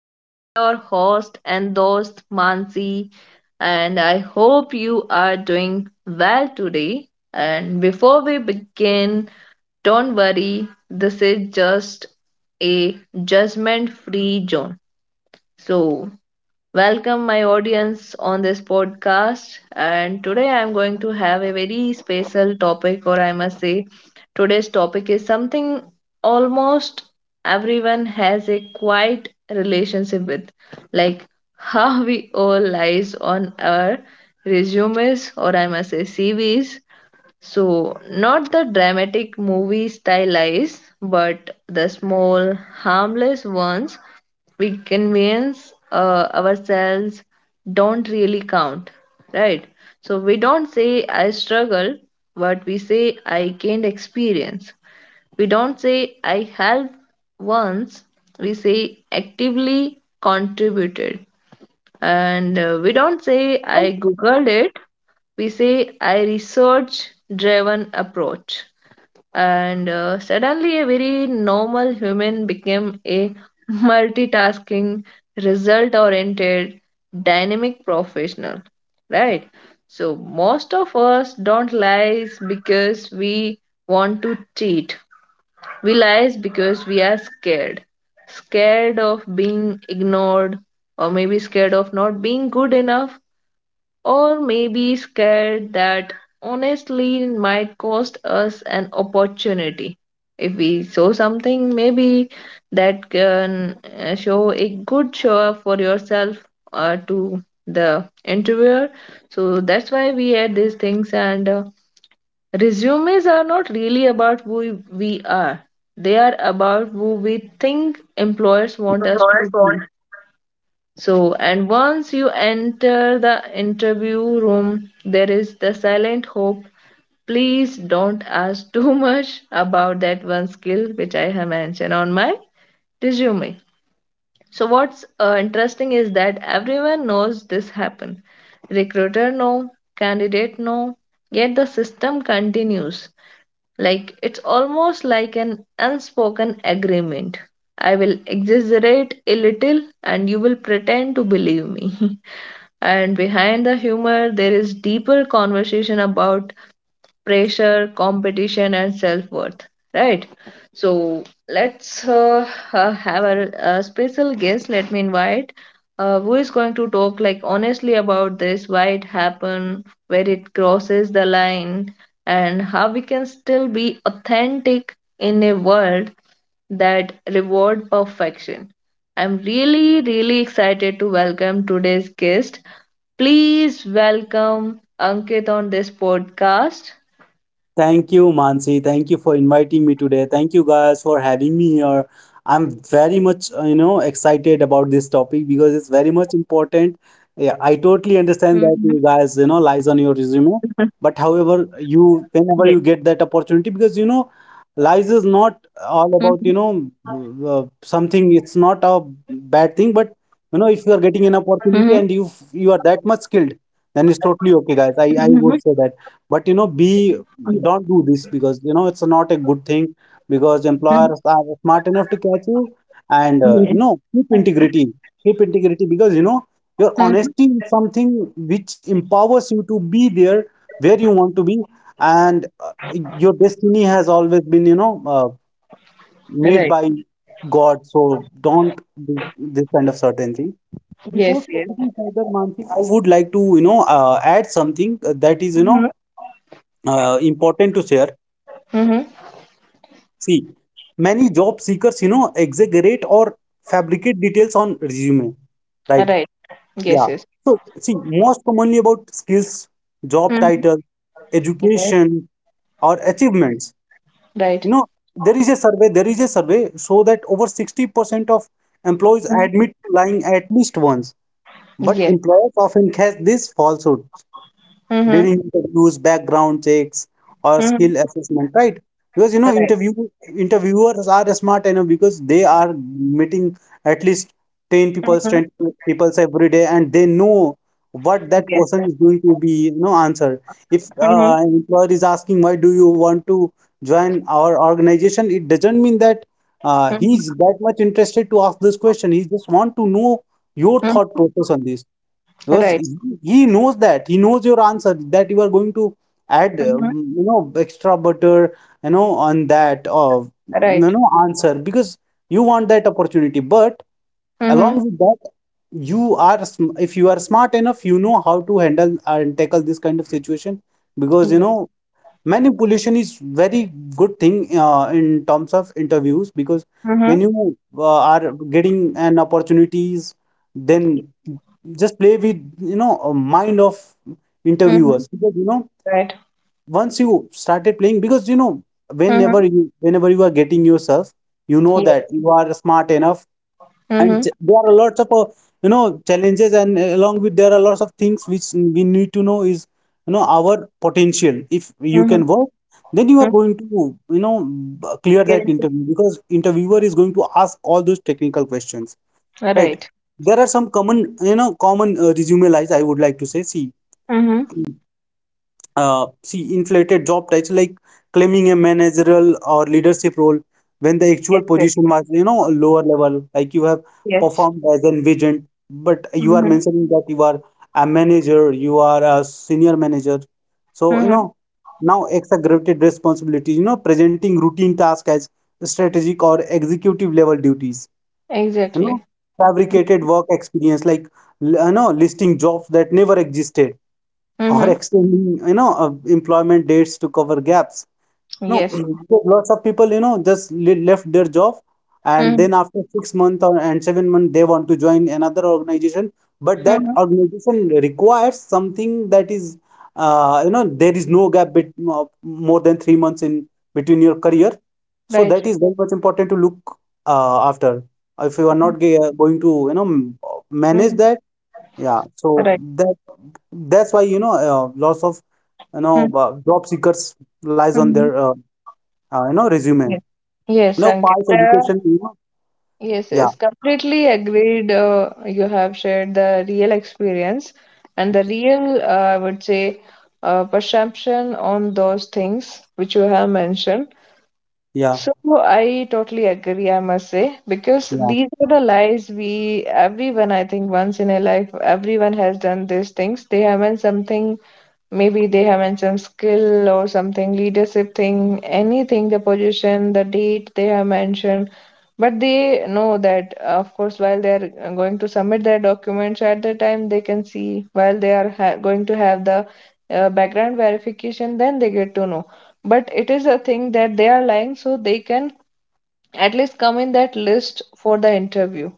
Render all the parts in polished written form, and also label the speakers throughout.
Speaker 1: I'm your host and host Mansi, and I hope you are doing well today. And before we begin, don't worry, this is just a judgment free zone. So, welcome, my audience, on this podcast. And today I'm going to have a very special topic, or I must say, today's topic is something almost everyone has a quiet relationship with, like how we all lies on our resumes, or I must say, CVs. So, not the dramatic movie stylized, but the small, harmless ones we convince ourselves don't really count, right? So, we don't say I struggle, but we say I gained experience. We don't say I helped once, we say actively contributed. And We don't say I googled it, we say I research driven approach. And Suddenly, a very normal human became a multitasking, result oriented, dynamic professional, right? So, most of us don't lie because we want to cheat. We lies because we are scared. Scared of being ignored, or maybe scared of not being good enough, or maybe scared that honestly it might cost us an opportunity. If we show something, maybe that can show a good show up for yourself to the interviewer. So that's why we add these things and resumes are not really about who we are. They are about who we think employers want us
Speaker 2: controllers.
Speaker 1: to be. So, and once you enter the interview room, there is the silent hope. Please don't ask too much about that one skill which I have mentioned on my resume. So, what's interesting is that everyone knows this happen. Recruiter no, candidate no, yet the system continues. Like it's almost like an unspoken agreement. I will exaggerate a little and you will pretend to believe me. And behind the humor, there is deeper conversation about pressure, competition, and self worth, right? So let's have a special guest. Let me invite who is going to talk like honestly about this, why it happened, where it crosses the line, and how we can still be authentic in a world that reward perfection. I'm really, really excited to welcome today's guest. Please welcome Ankit on this podcast.
Speaker 2: Thank you, Mansi. Thank you for inviting me today. Thank you guys for having me here. I'm very much, excited about this topic because it's very much important. Yeah, I
Speaker 1: Mhm. Mhm.
Speaker 2: totally understand that you guys, you know, lies on your resume. But
Speaker 1: Yes.
Speaker 2: however, you whenever you get that opportunity, because lies is
Speaker 1: Mhm.
Speaker 2: not all about, something. It's not a bad thing, but, if
Speaker 1: Mhm.
Speaker 2: you are getting an opportunity and you are that much skilled, then it's totally okay,
Speaker 1: Mhm.
Speaker 2: guys. I would say that but you know
Speaker 1: Yes.
Speaker 2: be, don't do this because it's not a good thing because
Speaker 1: Mhm.
Speaker 2: employers are smart enough to catch you. And
Speaker 1: Yes.
Speaker 2: keep integrity, because your
Speaker 1: Mhm.
Speaker 2: honesty is something which empowers you to be there where you want to be. And your destiny has always been, made
Speaker 1: Right.
Speaker 2: by God, so don't do this kind of certain thing. Before
Speaker 1: Yes. Yes.
Speaker 2: proceeding further, Mansi, I would like to add something that is
Speaker 1: Mhm.
Speaker 2: important to share.
Speaker 1: Mhm.
Speaker 2: See, many job seekers, you know, exaggerate or fabricate details on resume, right?
Speaker 1: Right.
Speaker 2: Yeah.
Speaker 1: Yes. Yes.
Speaker 2: So, see, most commonly about skills, job
Speaker 1: Mhm.
Speaker 2: title,
Speaker 1: Yes.
Speaker 2: education, or achievements.
Speaker 1: Right.
Speaker 2: You know, there is a survey, so that over 60% of employees
Speaker 1: Mhm.
Speaker 2: admit to lying at least once, but
Speaker 1: Yes.
Speaker 2: employers often catch this falsehood
Speaker 1: Mhm.
Speaker 2: during interviews, background checks, or
Speaker 1: Mhm.
Speaker 2: skill assessment, right? Because you know,
Speaker 1: Right.
Speaker 2: interviewers are smart enough because they are meeting at least 10 people,
Speaker 1: Mhm.
Speaker 2: 20 people every day, and they know what that
Speaker 1: Yes.
Speaker 2: person is going to be, you know, answer. If
Speaker 1: Mhm.
Speaker 2: an employer is asking why do you want to join our organization, it doesn't mean that
Speaker 1: Mhm.
Speaker 2: he's that much interested to ask this question. He just want to know your thought
Speaker 1: Mhm.
Speaker 2: process on this. Because
Speaker 1: Right.
Speaker 2: he knows that he knows your answer, that you are going to add,
Speaker 1: Mhm.
Speaker 2: extra butter, on that of,
Speaker 1: Right.
Speaker 2: answer because you want that opportunity. But along
Speaker 1: Mhm.
Speaker 2: with that, if you are smart enough, you know how to handle and tackle this kind of situation. Because you
Speaker 1: Yes.
Speaker 2: know, manipulation is very good thing in terms of interviews. Because when
Speaker 1: Mhm.
Speaker 2: you are getting an opportunities, then just play with, a mind of
Speaker 1: Mhm.
Speaker 2: interviewers. Because you know,
Speaker 1: Right.
Speaker 2: once you started playing, because you know,
Speaker 1: Mhm.
Speaker 2: whenever you are getting yourself, you know
Speaker 1: Yes.
Speaker 2: that you are smart enough, and
Speaker 1: Mhm.
Speaker 2: there are lots of challenges. And along with, there are lots of things which we need to know, is, you know, our potential. If you can
Speaker 1: Mhm.
Speaker 2: work, then you are
Speaker 1: Mhm.
Speaker 2: going to, you know, clear that
Speaker 1: Yes.
Speaker 2: interview because interviewer is going to ask all those technical questions, right?
Speaker 1: Right.
Speaker 2: There are some common, you know, common, resume lies I would like to say. See,
Speaker 1: Mhm.
Speaker 2: inflated job titles, like claiming a managerial or leadership role when the actual
Speaker 1: Yes. Yes.
Speaker 2: position was, you know, lower level. Like you have
Speaker 1: Yes.
Speaker 2: performed as an agent, but you are
Speaker 1: Mhm.
Speaker 2: mentioning that you are a manager, you are a senior manager, so you
Speaker 1: Mhm.
Speaker 2: know. Now, exaggerated responsibilities. You know, presenting routine tasks as strategic or executive level duties. You know,
Speaker 1: Exactly.
Speaker 2: fabricated work experience, like, you know, listing jobs that never existed, or
Speaker 1: Mhm.
Speaker 2: extending, employment dates to cover gaps. No.
Speaker 1: Yes.
Speaker 2: Because lots of people, you know, just left their job, and
Speaker 1: Mm-hmm.
Speaker 2: then after 6 months or and 7 months, they want to join another organization. But that
Speaker 1: Hmm.
Speaker 2: organization requires something, that is, you know, there is no gap more than 3 months in between your career. So
Speaker 1: Right.
Speaker 2: that is very much important to look after, if you are not going to, you know, manage
Speaker 1: Mm-hmm.
Speaker 2: that. Yeah, so
Speaker 1: Right.
Speaker 2: that, that's why, you know, lots of, job seekers lies on
Speaker 1: Mm-hmm.
Speaker 2: their, you know, resume,
Speaker 1: Yes.
Speaker 2: you
Speaker 1: Yes,
Speaker 2: know, past
Speaker 1: Ankita.
Speaker 2: education, you know.
Speaker 1: Yes,
Speaker 2: Yeah.
Speaker 1: yes. Completely agreed. You have shared the real experience and the real, I would say, perception on those things which you have mentioned.
Speaker 2: Yeah,
Speaker 1: So I totally agree, I must say, because
Speaker 2: yeah,
Speaker 1: these are the lies we, everyone, I think, once in a life, everyone has done these things. They haven't something. Maybe they have mentioned skill or something, leadership thing, anything, the position, the date they have mentioned. But they know that, of course, while they are going to submit their documents at the time, they can see while they are ha going to have the background verification, then they get to know. But it is a thing that they are lying so they can at least come in that list for the interview.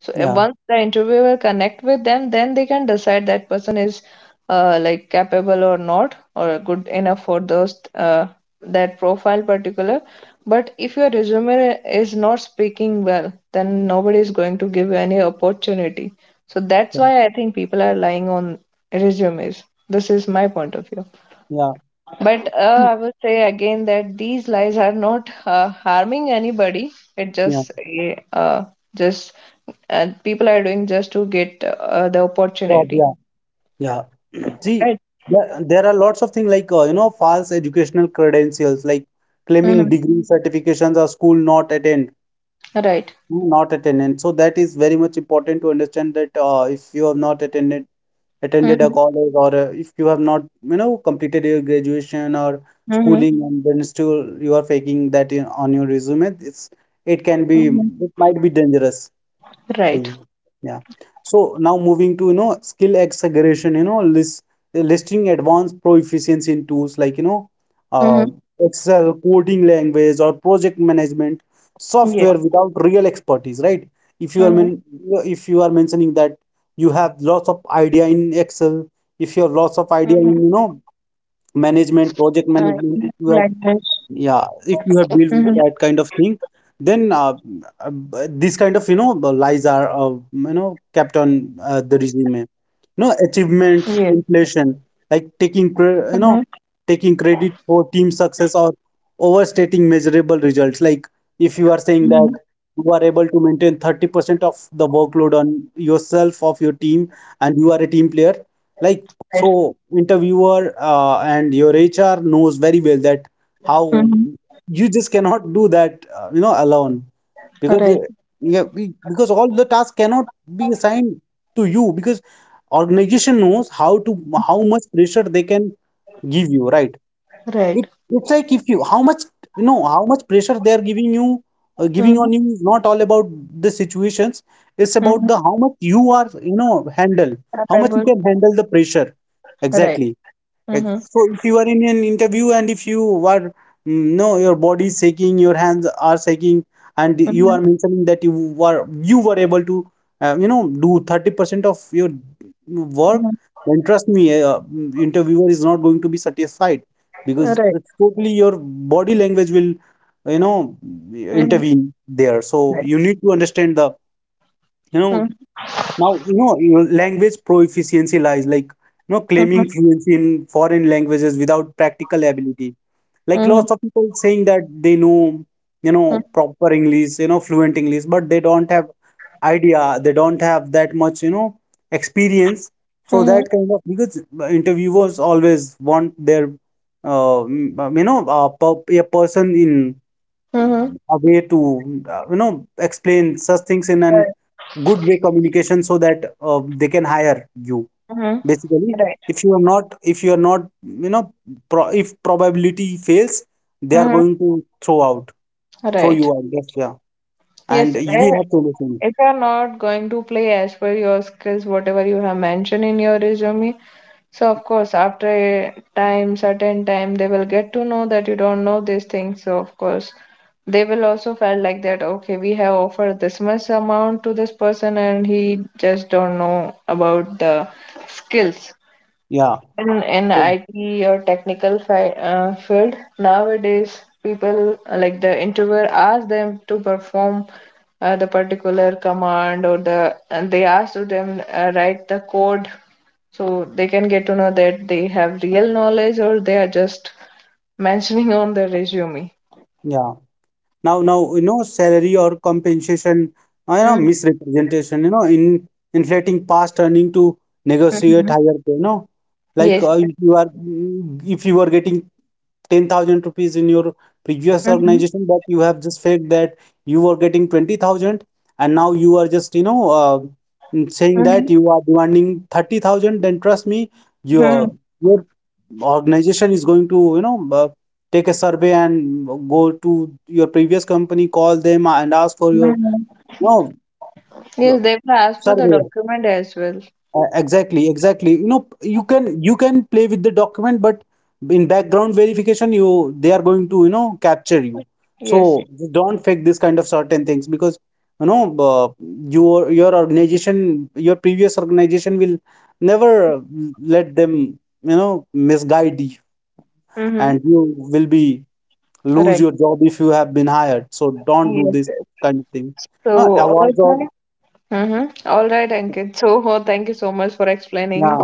Speaker 1: So
Speaker 2: yeah,
Speaker 1: once the interviewer connect with them, then they can decide that person is like capable or not or good enough for those that profile particular. But if your resume is not speaking well, then nobody is going to give you any opportunity. So that's
Speaker 2: yeah,
Speaker 1: why I think people are lying on resumes. This is my point of view.
Speaker 2: yeah,
Speaker 1: But I would say again that these lies are not harming anybody. It
Speaker 2: yeah.
Speaker 1: just a, just people are doing just to get the
Speaker 2: Job,
Speaker 1: opportunity.
Speaker 2: yeah. Yeah. See,
Speaker 1: Right.
Speaker 2: there are lots of things like, you know, false educational credentials, like claiming
Speaker 1: Mm-hmm.
Speaker 2: degree certifications or school not attend,
Speaker 1: Right.
Speaker 2: not attended. So that is very much important to understand, that if you have not attended a
Speaker 1: Mm-hmm.
Speaker 2: college, or if you have not, you know, completed your graduation or
Speaker 1: Mm-hmm.
Speaker 2: schooling, and then still you are faking that in, on your resume, it's, it can be,
Speaker 1: Hmm.
Speaker 2: it might be dangerous.
Speaker 1: Right.
Speaker 2: Mhm. Yeah. So now moving to, you know, skill acceleration, you know, listing advanced proficiency in tools like, you know,
Speaker 1: Mm-hmm.
Speaker 2: uh, Excel, coding language, or project management
Speaker 1: Yeah.
Speaker 2: software without real expertise, right? If you are
Speaker 1: Mm-hmm.
Speaker 2: men if you are mentioning that you have lots of idea in Excel, if you have lots
Speaker 1: Mm-hmm.
Speaker 2: of idea in, you know,
Speaker 1: Uh,
Speaker 2: management, project
Speaker 1: like this.
Speaker 2: management, if you have, yeah,
Speaker 1: Mm-hmm.
Speaker 2: if you have dealt with that kind of thing, then uh, this kind of, you know, the lies are, you know, kept on, the resume. You know,
Speaker 1: Yes.
Speaker 2: achievements, inflation, like
Speaker 1: Mm-hmm.
Speaker 2: you know, taking credit for team success or overstating measurable results. Like if you are saying
Speaker 1: Mm-hmm.
Speaker 2: that you are able to maintain 30% of the workload on yourself of your team, and you are a team player, like,
Speaker 1: Right.
Speaker 2: so interviewer, and your HR knows very well that how
Speaker 1: Mm-hmm.
Speaker 2: you just cannot do that, you know, alone. Because
Speaker 1: Right.
Speaker 2: because all the tasks cannot be assigned to you, because organization knows how to, how much pressure they can give you, right?
Speaker 1: Right.
Speaker 2: it it's like, if you how much, you know, how much pressure they are giving you, giving
Speaker 1: Mm-hmm.
Speaker 2: on you, is not all about the situations. It's about the,
Speaker 1: Mm-hmm.
Speaker 2: how much you are, you know, handle, how much you
Speaker 1: Capable.
Speaker 2: can handle the pressure.
Speaker 1: Right.
Speaker 2: Exactly. Like,
Speaker 1: Mm-hmm.
Speaker 2: so if you are in an interview and if you are, mm, no, your body is shaking, your hands are shaking, and you
Speaker 1: Mm-hmm.
Speaker 2: are mentioning that you were able to, you know, do 30% of your work,
Speaker 1: Mm-hmm.
Speaker 2: then trust me, interviewer is not going to be satisfied because
Speaker 1: Right.
Speaker 2: it's totally your body language will, you know,
Speaker 1: Mm-hmm.
Speaker 2: intervene there. So
Speaker 1: Right.
Speaker 2: you need to understand the, you know.
Speaker 1: Mm-hmm.
Speaker 2: Now, you know, language proficiency lies like, you know, claiming fluency in foreign languages without practical ability. Like
Speaker 1: Mm-hmm.
Speaker 2: lots of people saying that they know, you know, proper English, you know, fluent English, but they don't have idea, they don't have that much, you know, experience. So
Speaker 1: Mm-hmm.
Speaker 2: that kind of, because interviewers always want their, you know, a person in
Speaker 1: Mm-hmm.
Speaker 2: a way to you know, explain such things in an
Speaker 1: Right.
Speaker 2: good way communication, so that they can hire you,
Speaker 1: Mm-hmm.
Speaker 2: basically.
Speaker 1: Right.
Speaker 2: If you are not, you know, pro if probability fails, they are
Speaker 1: Mm-hmm.
Speaker 2: going to throw out throw you
Speaker 1: Right.
Speaker 2: out. Yes, yeah. And
Speaker 1: Yes.
Speaker 2: we
Speaker 1: Eh,
Speaker 2: have to listen.
Speaker 1: if you're not going to play as per your skills, whatever you have mentioned in your resume, so of course, after a time, certain time, they will get to know that you don't know these things. So of course, they will also felt like that. Okay, we have offered this much amount to this person, and he just don't know about the skills.
Speaker 2: Yeah.
Speaker 1: in in
Speaker 2: so-
Speaker 1: IT or technical fi field nowadays people like the interviewer ask them to perform the particular command or the and they ask to them write the code so they can get to know that they have real knowledge or they are just mentioning on their resume.
Speaker 2: yeah Now, you know, salary or compensation, you know,
Speaker 1: Mm-hmm.
Speaker 2: misrepresentation. You know, in inflating past earning to negotiate higher pay, you know. Like,
Speaker 1: Yes.
Speaker 2: if you are, getting 10,000 rupees in your previous
Speaker 1: Mm-hmm.
Speaker 2: organization, but you have just faked that you were getting 20,000, and now you are just, you know, saying
Speaker 1: Mm-hmm.
Speaker 2: that you are demanding 30,000, then trust me,
Speaker 1: Hmm.
Speaker 2: your organization is going to, you know, take a survey and go to your previous company, call them and ask for your, no,
Speaker 1: Yes, they will ask for the
Speaker 2: survey.
Speaker 1: document as well.
Speaker 2: Exactly, exactly. You know, you can play with the document, but in background verification, you, they are going to, you know, capture you.
Speaker 1: Yes.
Speaker 2: So don't fake this kind of certain things, because you know, your, organization, your previous organization will never let them, you know, misguide you,
Speaker 1: Mm-hmm.
Speaker 2: and you will be lose
Speaker 1: Right.
Speaker 2: your job if you have been hired. So don't do
Speaker 1: Yes.
Speaker 2: this kind of thing.
Speaker 1: So,
Speaker 2: No,
Speaker 1: all
Speaker 2: awards or,
Speaker 1: right. Mm-hmm. All right, Ankit. So, oh, thank you so much for
Speaker 2: yeah.
Speaker 1: explaining.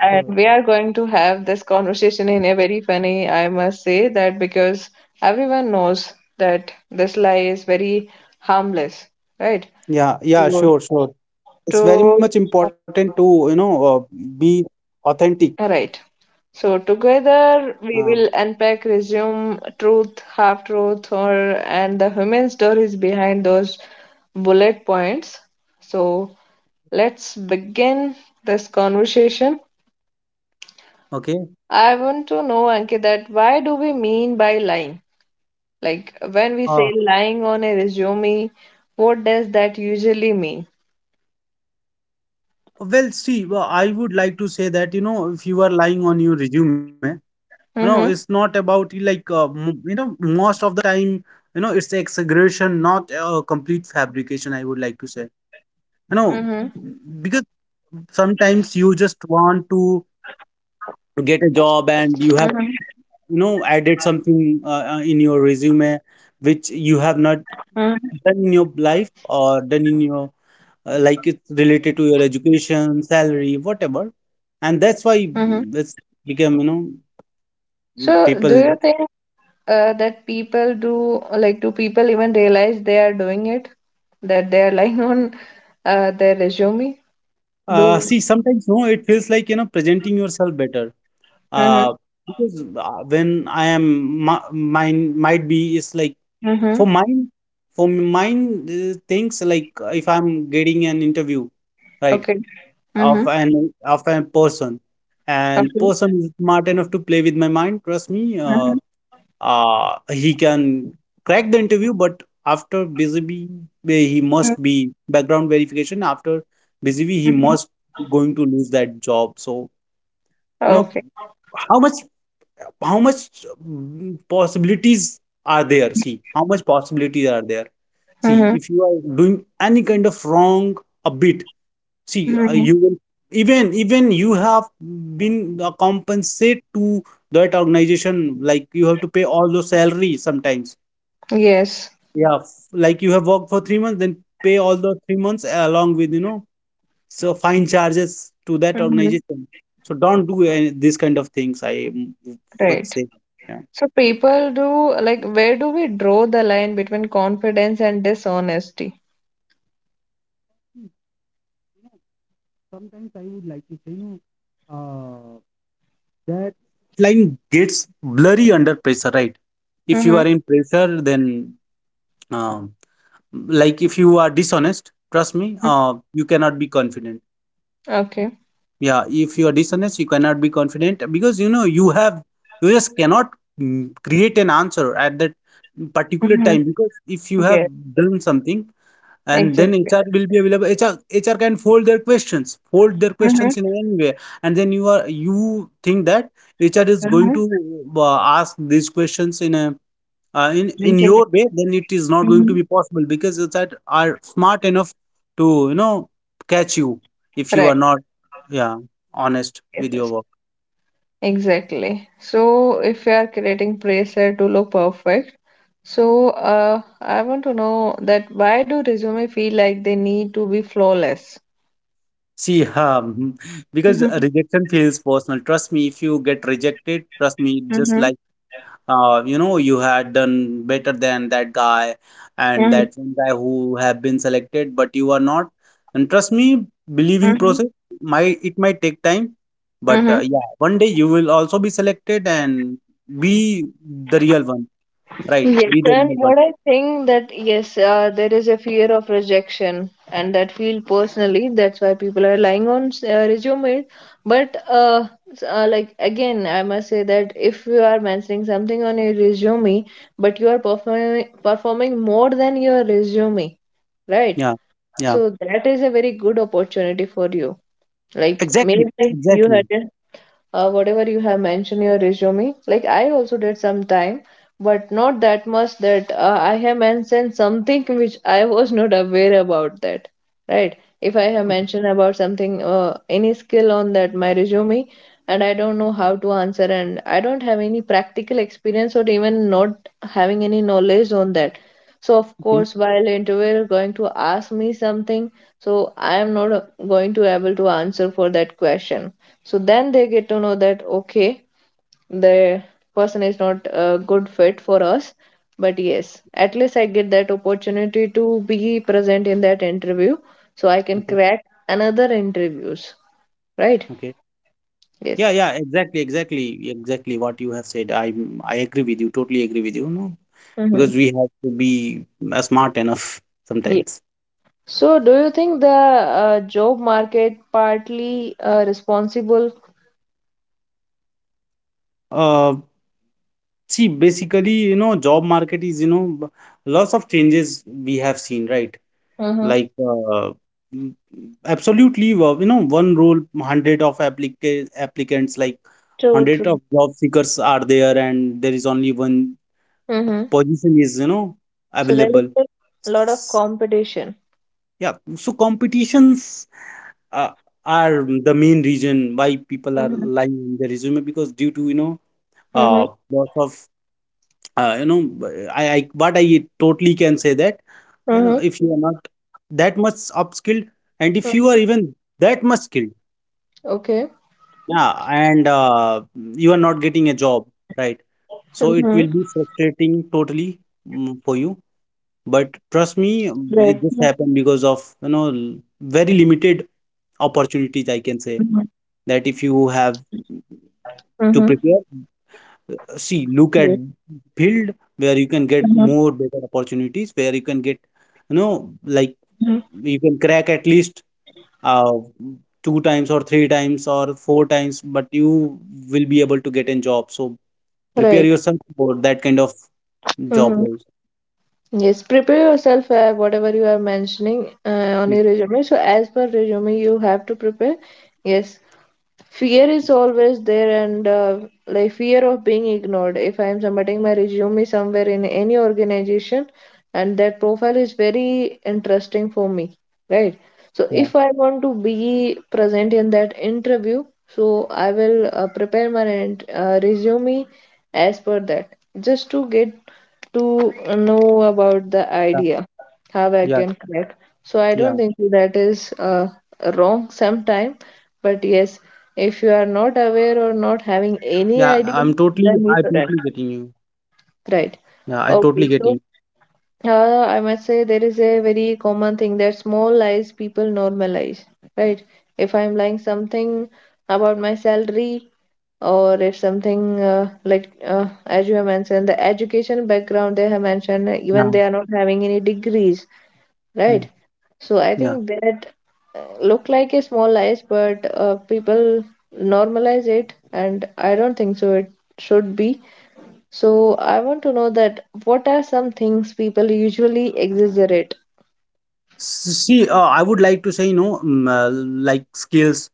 Speaker 1: And
Speaker 2: Sure.
Speaker 1: we are going to have this conversation in a very funny, I must say that because everyone knows that this lie is very harmless, right?
Speaker 2: Yeah,
Speaker 1: Sure.
Speaker 2: yeah. Sure, sure. It's
Speaker 1: To
Speaker 2: very much important to, you know, be authentic.
Speaker 1: all right. So together we
Speaker 2: Uh,
Speaker 1: will unpack, resume truth, half truth, or and the human stories behind those bullet points. So let's begin this conversation.
Speaker 2: okay.
Speaker 1: I want to know, Ankit, that why do we mean by lying? Like when we say
Speaker 2: Uh,
Speaker 1: lying on a resume, what does that usually mean?
Speaker 2: well, see, well, I would like to say that, you know, if you are lying on your resume, you know, it's
Speaker 1: Mm-hmm.
Speaker 2: not about like, you know, most of the time, you know, it's exaggeration, not a complete fabrication, I would like to say. You
Speaker 1: Mm-hmm.
Speaker 2: know, because sometimes you just want to get a
Speaker 1: Mm-hmm.
Speaker 2: job and you have, you know, added something in your resume which
Speaker 1: Mm-hmm.
Speaker 2: you have not done in your life or done in your like it's related to your education salary whatever, and
Speaker 1: Mm-hmm.
Speaker 2: that's why it's become, you know,
Speaker 1: So do you
Speaker 2: people
Speaker 1: think that people do like do people even realize they are doing it? That they are lying on their resume? Do
Speaker 2: see sometimes, no, it feels like, you know, presenting yourself better,
Speaker 1: mm-hmm.
Speaker 2: uh, because when I am my, mine might be is like for
Speaker 1: Mm-hmm.
Speaker 2: mine, for mine, things like if I'm getting an interview, right,
Speaker 1: Okay.
Speaker 2: of
Speaker 1: Mm-hmm.
Speaker 2: an of a person, and
Speaker 1: Okay.
Speaker 2: person is smart enough to play with my mind, trust me. uh,
Speaker 1: Mm-hmm.
Speaker 2: he can crack the interview, but after BZB he
Speaker 1: Mm-hmm,
Speaker 2: must be background verification, after BZB he
Speaker 1: mm-hmm,
Speaker 2: must going to lose that job. So you know
Speaker 1: okay.
Speaker 2: how much, how much, possibilities are there, see how much possibilities are there. See,
Speaker 1: Mm-hmm.
Speaker 2: if you are doing any kind of wrong a bit, see,
Speaker 1: Mm-hmm.
Speaker 2: you will, even you have been compensate to that organization, like you have to pay all those salary sometimes.
Speaker 1: Yes.
Speaker 2: Yeah, like you have worked for 3 months, then pay all the 3 months along with, you know, so fine charges to that
Speaker 1: Mm-hmm.
Speaker 2: organization. So don't do any this kind of things, I would
Speaker 1: Right.
Speaker 2: say. Yeah.
Speaker 1: So people do like where do we draw the line between confidence and dishonesty?
Speaker 2: Sometimes I would like to say, you know, that line gets blurry under pressure, right? If you
Speaker 1: Mm-hmm.
Speaker 2: are in pressure, then um, like if you are dishonest, trust me, you cannot be confident.
Speaker 1: Okay.
Speaker 2: Yeah, if you are dishonest you cannot be confident, because you know you have, you just cannot create an answer at that particular
Speaker 1: Mm-hmm.
Speaker 2: time, because if you have
Speaker 1: Yes,
Speaker 2: done something and then
Speaker 1: exactly.
Speaker 2: HR will be available, HR, HR can fold their questions, fold their
Speaker 1: Mm-hmm.
Speaker 2: questions in any way, and then you are, you think that HR is going
Speaker 1: Mm-hmm.
Speaker 2: to ask these questions in a in in
Speaker 1: Exactly.
Speaker 2: your way, then it is not going to
Speaker 1: Mm-hmm.
Speaker 2: be possible because it's that are smart enough to, you know, catch you if you are
Speaker 1: Right.
Speaker 2: not, yeah, honest
Speaker 1: Yes,
Speaker 2: with your
Speaker 1: yes.
Speaker 2: work.
Speaker 1: Exactly. So if you are creating preset to look perfect, so I want to know that why do resume feel like they need to be flawless?
Speaker 2: See, because
Speaker 1: Mm-hmm.
Speaker 2: rejection feels personal, trust me. If you get rejected, trust me, just
Speaker 1: Mm-hmm.
Speaker 2: like, you know, you had done better than that guy, and
Speaker 1: Mm-hmm.
Speaker 2: that one guy who have been selected but you are not. And trust me, believe in
Speaker 1: Mm-hmm.
Speaker 2: process. My, it might take time, but
Speaker 1: Mm-hmm.
Speaker 2: yeah, one day you will also be selected and be the real one, right,
Speaker 1: Yes,
Speaker 2: be the
Speaker 1: and
Speaker 2: real one.
Speaker 1: what I think that yes, there is a fear of rejection, and that feel personally. That's why people are relying on resumes. But s- like again, I must say that if you are mentioning something on your resume, but you are performing more than your resume, right?
Speaker 2: Yeah, yeah,
Speaker 1: So that is a very good opportunity for you. Like maybe
Speaker 2: exactly,
Speaker 1: you
Speaker 2: exactly.
Speaker 1: had a whatever you have mentioned your resume, like I also did some time, but not that much that I have mentioned something which I was not aware about that. Right, if I have
Speaker 2: Okay,
Speaker 1: mentioned about something any skill on that my resume, and I don't know how to answer, and I don't have any practical experience or even not having any knowledge on that, so of
Speaker 2: okay,
Speaker 1: course while interviewer going to ask me something, so I am not going to able to answer for that question. So then they get to know that okay, the person is not a good fit for us. But yes, at least I get that opportunity to be present in that interview so I can
Speaker 2: okay,
Speaker 1: crack another interviews, right?
Speaker 2: okay. Yeah,
Speaker 1: Yes.
Speaker 2: yeah, exactly, exactly, exactly what you have said. I agree with you, totally agree with you. No,
Speaker 1: Mm-hmm.
Speaker 2: because we have to be smart enough
Speaker 1: Yeah.
Speaker 2: sometimes.
Speaker 1: So do you think the job market partly responsible?
Speaker 2: Uh, see, basically, you know, job market is, you know, lots of changes we have seen, right?
Speaker 1: Mm-hmm.
Speaker 2: Like, uh, m- Absolutely, you know, one role, hundred of applicants, like
Speaker 1: True,
Speaker 2: hundred
Speaker 1: true.
Speaker 2: of job seekers are there, and there is only one
Speaker 1: Mm-hmm.
Speaker 2: position is, you know,
Speaker 1: So there is
Speaker 2: available.
Speaker 1: a lot of competition.
Speaker 2: Yeah, so competitions uh, are the main reason why people are
Speaker 1: Mm-hmm.
Speaker 2: lying in their resume, because due to, you know,
Speaker 1: Mm-hmm.
Speaker 2: uh lots of, you know, I what I totally can say that, you know,
Speaker 1: Mm-hmm.
Speaker 2: if you are not that much upskilled, and if you are even that much skilled,
Speaker 1: Okay.
Speaker 2: yeah, and you are not getting a job, right,
Speaker 1: Mm-hmm.
Speaker 2: so it will be frustrating totally, for you. But trust
Speaker 1: Right.
Speaker 2: me, it just happened because of, you know, very limited
Speaker 1: Mhm.
Speaker 2: opportunities, I can say. That if you have
Speaker 1: Mhm.
Speaker 2: to prepare, see,
Speaker 1: Yes.
Speaker 2: look at field where you can
Speaker 1: Mhm.
Speaker 2: get more better opportunities, where you can get, you know, like
Speaker 1: Mhm.
Speaker 2: you can crack at least uh, two times or three times or four times, but you will be able to get in job. So prepare
Speaker 1: Right.
Speaker 2: yourself for that kind of job
Speaker 1: Mhm.
Speaker 2: roles.
Speaker 1: Yes. Prepare yourself, whatever you are mentioning on
Speaker 2: Yeah.
Speaker 1: your resume. So, as per resume, you have to prepare. Yes. Fear is always there and like fear of being ignored if I am submitting my resume somewhere in any organization, and that profile is very interesting for me, right? So
Speaker 2: Yeah.
Speaker 1: if I want to be present in that interview, so I will prepare my int- resume as per that, just to get to know about the idea how I
Speaker 2: Yeah.
Speaker 1: can crack. So I don't
Speaker 2: Yeah.
Speaker 1: think that is wrong sometime, but yes, if you are not aware or not having
Speaker 2: Yeah,
Speaker 1: any
Speaker 2: I'm
Speaker 1: idea,
Speaker 2: totally, I
Speaker 1: then you
Speaker 2: totally getting
Speaker 1: shouldn't,
Speaker 2: you.
Speaker 1: right?
Speaker 2: Yeah, I totally
Speaker 1: Okay,
Speaker 2: getting.
Speaker 1: so I must say there is a very common thing that small lies people normalize, right? If I'm lying something about my salary, or if something like as you have mentioned the education background they have mentioned
Speaker 2: Yeah,
Speaker 1: even they are not having any degrees,
Speaker 2: yeah.
Speaker 1: right? So I
Speaker 2: Yeah.
Speaker 1: think that look like a small lies, but people normalize it, and I don't think so. It should be. So I want to know that what are some things people usually exaggerate?
Speaker 2: See, I would like to say, you know, like skills,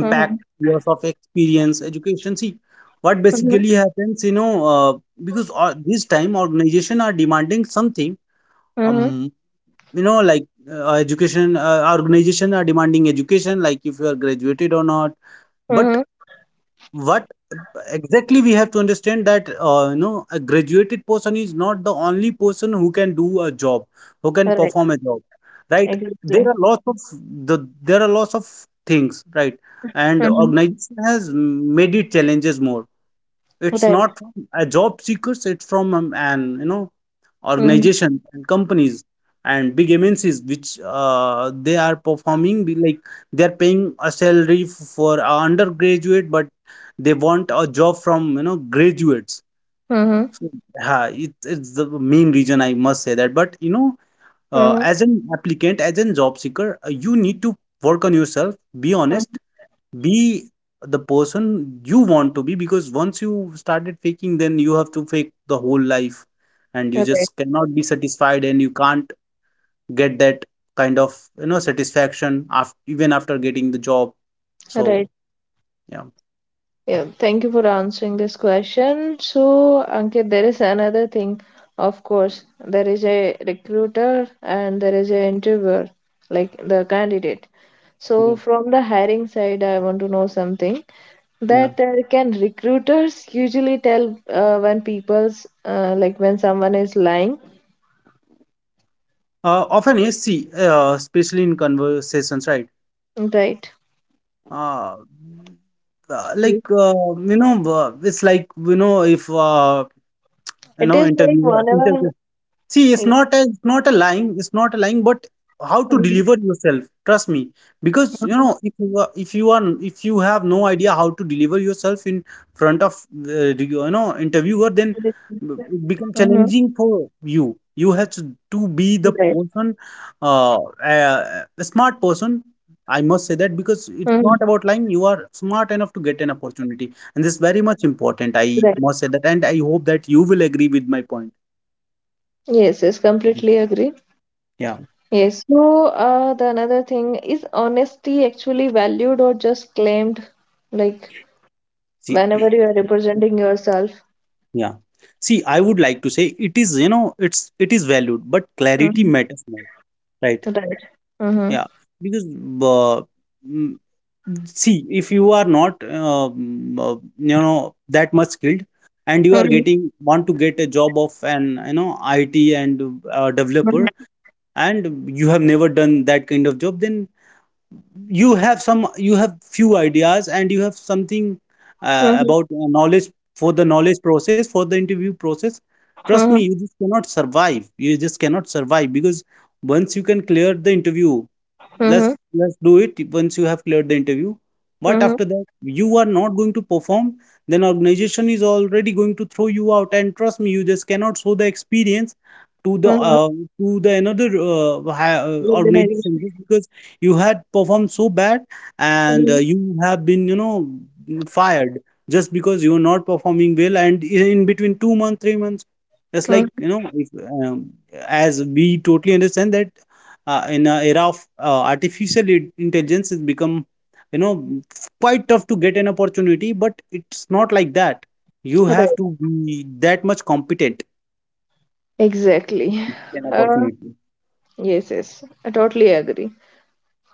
Speaker 1: Mm-hmm.
Speaker 2: years of experience, education. See, what
Speaker 1: Mm-hmm.
Speaker 2: basically happens, you know, because this time organization are demanding something.
Speaker 1: Mm-hmm.
Speaker 2: Um, you know, like education, organization are demanding education, like if you are graduated or not. But
Speaker 1: Mm-hmm.
Speaker 2: what exactly we have to understand that, you know, a graduated person is not the only person who can do a job, who can
Speaker 1: Right.
Speaker 2: perform a job, right? There are
Speaker 1: Exactly.
Speaker 2: lots of, there are lots of things, right, and
Speaker 1: Mm-hmm.
Speaker 2: organization has made it challenges more. It's
Speaker 1: Right.
Speaker 2: not from a job seekers, it's from, an you know,
Speaker 1: Mm-hmm.
Speaker 2: organization and companies and big MNCs, which they are performing be like they are paying a salary for a undergraduate, but they want a job from, you know, graduates.
Speaker 1: Mm-hmm.
Speaker 2: So yeah, it's the main reason I must say that. But you know,
Speaker 1: Mm-hmm.
Speaker 2: as an applicant, as a job seeker, you need to work on yourself. Be honest, be the person you want to be, because once you started faking, then you have to fake the whole life, and you
Speaker 1: Right.
Speaker 2: just cannot be satisfied and you can't get that kind of, you know, satisfaction after, even after getting the job. So
Speaker 1: Right.
Speaker 2: yeah.
Speaker 1: Yeah, thank you for answering this question. So, Ankit, there is another thing. Of course, there is a recruiter and there is a interviewer, like the candidate. So,
Speaker 2: Okay.
Speaker 1: from the hiring side, I want to know something
Speaker 2: Yeah.
Speaker 1: that can recruiters usually tell when people's like when someone is lying,
Speaker 2: Often yes, see, especially in conversations, right?
Speaker 1: right?
Speaker 2: Uh, it's like, you know, if you
Speaker 1: It
Speaker 2: know,
Speaker 1: is like
Speaker 2: interviewer
Speaker 1: whenever.
Speaker 2: interviewer See, it's not a, it's not a lying, it's not a lying, but how to deliver yourself, trust me. Because you know, if you are, if you are, if you have no idea how to deliver yourself in front of you know interviewer, then it becomes
Speaker 1: Mhm.
Speaker 2: challenging for you. You have to
Speaker 1: Right.
Speaker 2: be the person, uh, a smart person. I must say that
Speaker 1: Mhm.
Speaker 2: because it's not about lying. You are smart enough to get an opportunity, and this is very much
Speaker 1: Right.
Speaker 2: important. I must say that, and I hope that you will agree with my point.
Speaker 1: Yes, yes, completely agree.
Speaker 2: Yeah.
Speaker 1: Yes, so the another thing is honesty actually valued or just claimed, like
Speaker 2: See,
Speaker 1: whenever you are representing yourself.
Speaker 2: yeah. See, I would like to say it is, you know, it is valued, but clarity
Speaker 1: Mhm.
Speaker 2: matters more, right?
Speaker 1: Right. Mm-hmm.
Speaker 2: Yeah, because uh, mm, see, if you are not, you know, that much skilled, and you are
Speaker 1: Mm-hmm.
Speaker 2: getting, want to get a job of an, you know, IT and developer, and you have never done that kind of job, then you have some, you have few ideas, and you have something uh,
Speaker 1: Mm-hmm.
Speaker 2: about uh, knowledge for the knowledge process, for the interview process, trust me,
Speaker 1: Mm-hmm.
Speaker 2: you just cannot survive, you just cannot survive, because once you can clear the interview,
Speaker 1: Mm-hmm.
Speaker 2: let's do it, once you have cleared the interview, but
Speaker 1: Mm-hmm.
Speaker 2: after that you are not going to perform, then organization is already going to throw you out, and trust me, you just cannot show the experience to the,
Speaker 1: Mm-hmm.
Speaker 2: to the another organization
Speaker 1: Organization.
Speaker 2: just because you had performed so bad, and
Speaker 1: Mm-hmm.
Speaker 2: you have been, you know, fired just because you are not performing well, and in between 2 months, 3 months. That's like, you know, if, um, as we totally understand that, in a era of artificial intelligence, it's become, you know, quite tough to get an opportunity, but it's not like that, you
Speaker 1: Right.
Speaker 2: have to be that much competent
Speaker 1: Exactly.
Speaker 2: in
Speaker 1: Uh,
Speaker 2: opportunity.
Speaker 1: yes, yes. I totally agree.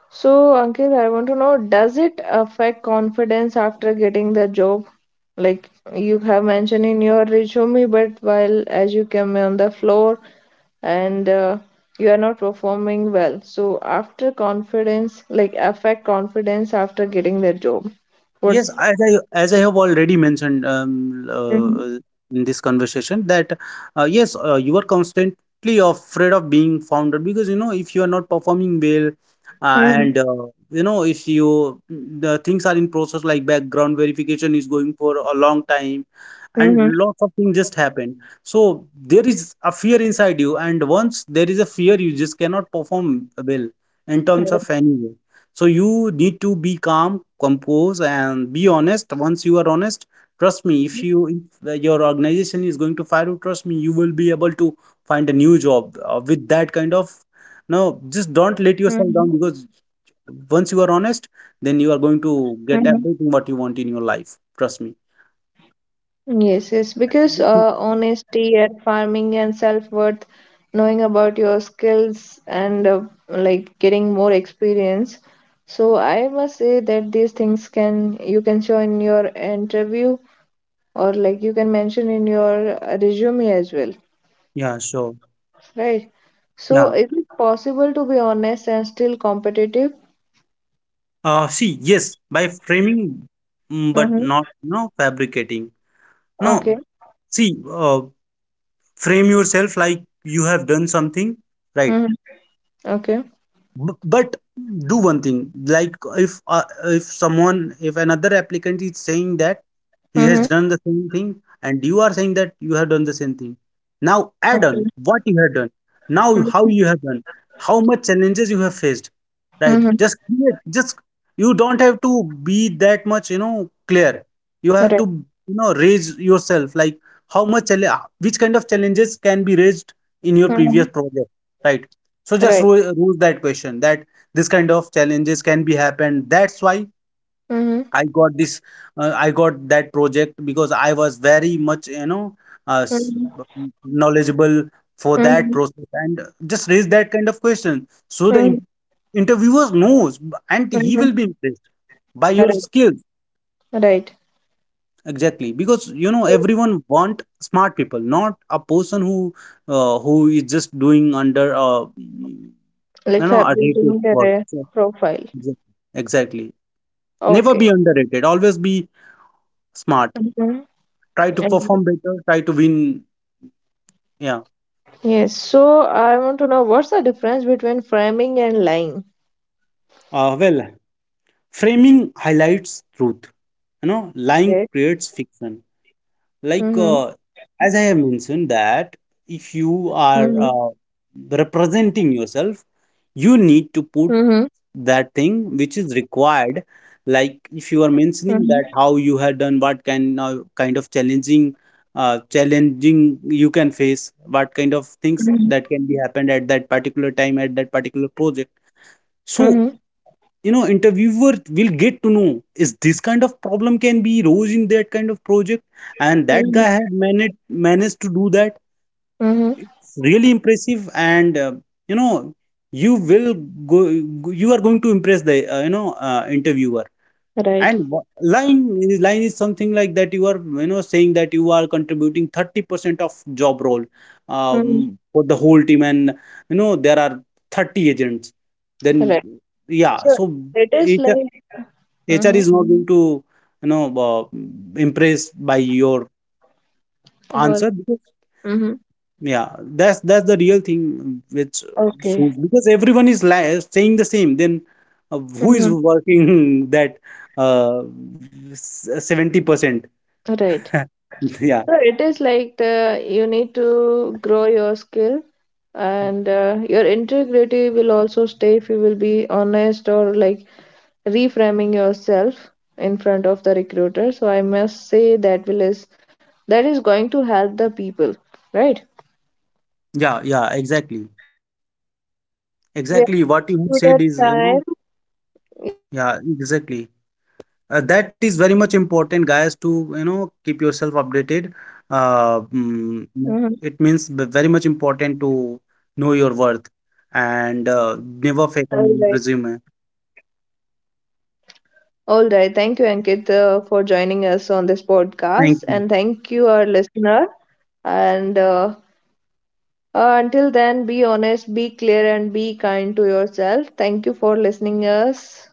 Speaker 1: So, Ankit, I want to know, does it affect confidence after getting the job? Like you have mentioned in your resume, but while as you came on the floor, and you are not performing well. So, after confidence, like affect confidence after getting the job. What?
Speaker 2: Yes, as I have already mentioned, in this conversation that, yes, you are constantly afraid of being found out, because you know if you are not performing well, uh,
Speaker 1: Mm-hmm.
Speaker 2: and uh, you know if you, the things are in process like background verification is going for a long time, and lots of things just happen. So there is a fear inside you, and once there is a fear, you just cannot perform well in terms of any way. So you need to be calm, compose and be honest. Once you are honest, trust me, if you, if your organization is going to fire you, trust me, you will be able to find a new job with that kind of, no, just don't let yourself down, because once you are honest, then you are going to get
Speaker 1: Mm-hmm.
Speaker 2: everything what you want in your life, trust me.
Speaker 1: Yes, yes,
Speaker 2: And
Speaker 1: because
Speaker 2: if you-
Speaker 1: honesty at farming and self-worth, knowing about your skills and like getting more experience. So I must say that these things can you can show in your interview or like you can mention in your resume as well,
Speaker 2: yeah, sure.
Speaker 1: right? So
Speaker 2: Yeah.
Speaker 1: is it possible to be honest and still competitive?
Speaker 2: See, yes, by framing, but
Speaker 1: Mm-hmm.
Speaker 2: not, no, fabricating, no.
Speaker 1: Okay.
Speaker 2: See, uh, frame yourself like you have done something, right.
Speaker 1: Mm-hmm. Okay.
Speaker 2: But do one thing, like, if someone, if another applicant is saying that he has
Speaker 1: Mm-hmm.
Speaker 2: done the same thing, and you are saying that you have done the same thing, now add
Speaker 1: Okay.
Speaker 2: on what you have done, now how
Speaker 1: Mm-hmm.
Speaker 2: you have done, how much challenges you have faced, right?
Speaker 1: Mm-hmm.
Speaker 2: Just create, just, you don't have to be that much, you know, clear, you have
Speaker 1: Right.
Speaker 2: to, you know, raise yourself, like how much which kind of challenges can be raised in your
Speaker 1: Mm-hmm.
Speaker 2: previous project, right? So just
Speaker 1: Right.
Speaker 2: rule that question, that this kind of challenges can be happened. That's why
Speaker 1: Mm-hmm.
Speaker 2: I got this, I got that project because I was very much, you know, uh, s-
Speaker 1: Mm-hmm.
Speaker 2: knowledgeable for that
Speaker 1: Mhm,
Speaker 2: process, and just raise that kind of question. So the
Speaker 1: mhm,
Speaker 2: interviewer knows, and he
Speaker 1: mhm.
Speaker 2: will be impressed by your
Speaker 1: Right,
Speaker 2: skills.
Speaker 1: right.
Speaker 2: Exactly, because you know everyone want smart people, not a person who is just doing under, you
Speaker 1: Like
Speaker 2: know,
Speaker 1: fa-
Speaker 2: a day
Speaker 1: building
Speaker 2: work.
Speaker 1: their
Speaker 2: So
Speaker 1: profile.
Speaker 2: Exac- exactly. Never
Speaker 1: Okay.
Speaker 2: be underrated. Always be smart.
Speaker 1: Mhm,
Speaker 2: Try to
Speaker 1: mhm.
Speaker 2: perform better. Try to win. Yeah.
Speaker 1: Yes. So I want to know what's the difference between framing and lying.
Speaker 2: Uh, well, Framing highlights truth. You know, lying
Speaker 1: Okay.
Speaker 2: creates fiction. Like,
Speaker 1: Mm-hmm.
Speaker 2: as I have mentioned that, if you are
Speaker 1: Mm-hmm.
Speaker 2: representing yourself, you need to put
Speaker 1: Mm-hmm.
Speaker 2: that thing which is required. Like if you are mentioning that
Speaker 1: Mm-hmm.
Speaker 2: how you have done, what kind of, kind of challenging, challenging you can face, what kind of things that
Speaker 1: Mm-hmm.
Speaker 2: can be happened at that particular time, at that particular project. So you know interviewer will get to know, is this kind of problem can be rose in that kind of project, and that guy
Speaker 1: Mm-hmm.
Speaker 2: had managed to do that,
Speaker 1: Mm-hmm.
Speaker 2: it's really impressive, and you know, you will go, you are going to impress the, interviewer.
Speaker 1: Right.
Speaker 2: And line is something like that you are, you know, saying that you are contributing 30% of job role,
Speaker 1: Mm-hmm.
Speaker 2: for the whole team, and you know there are 30 agents, then,
Speaker 1: Right.
Speaker 2: yeah,
Speaker 1: So
Speaker 2: so
Speaker 1: it is
Speaker 2: it,
Speaker 1: like.
Speaker 2: HR
Speaker 1: Mm-hmm.
Speaker 2: is not going to, you know, impressed by your
Speaker 1: Well.
Speaker 2: answer because,
Speaker 1: Mm-hmm.
Speaker 2: yeah, that's the real thing which,
Speaker 1: Okay.
Speaker 2: so because everyone is saying the same. Then who is
Speaker 1: Mm-hmm.
Speaker 2: working that uh, 70%?
Speaker 1: Right.
Speaker 2: Yeah,
Speaker 1: So it is like the, you need to grow your skill and your integrity will also stay if you will be honest or like reframing yourself in front of the recruiter. So I must say that will is that is going to help the people, right?
Speaker 2: yeah, yeah. Exactly,
Speaker 1: Yes,
Speaker 2: exactly. What you have
Speaker 1: we are
Speaker 2: said
Speaker 1: to
Speaker 2: is,
Speaker 1: the
Speaker 2: you
Speaker 1: time.
Speaker 2: know, yeah, exactly. That is very much important, guys, to, you know, keep yourself updated.
Speaker 1: Mhm.
Speaker 2: It means very much important to know your worth, and never fake
Speaker 1: All
Speaker 2: on your
Speaker 1: right.
Speaker 2: resume.
Speaker 1: All right. Thank you, Ankit, for joining us on this
Speaker 2: Thank
Speaker 1: podcast, and
Speaker 2: you.
Speaker 1: thank you, our listener. And until then, be honest, be clear, and be kind to yourself. Thank you for listening us.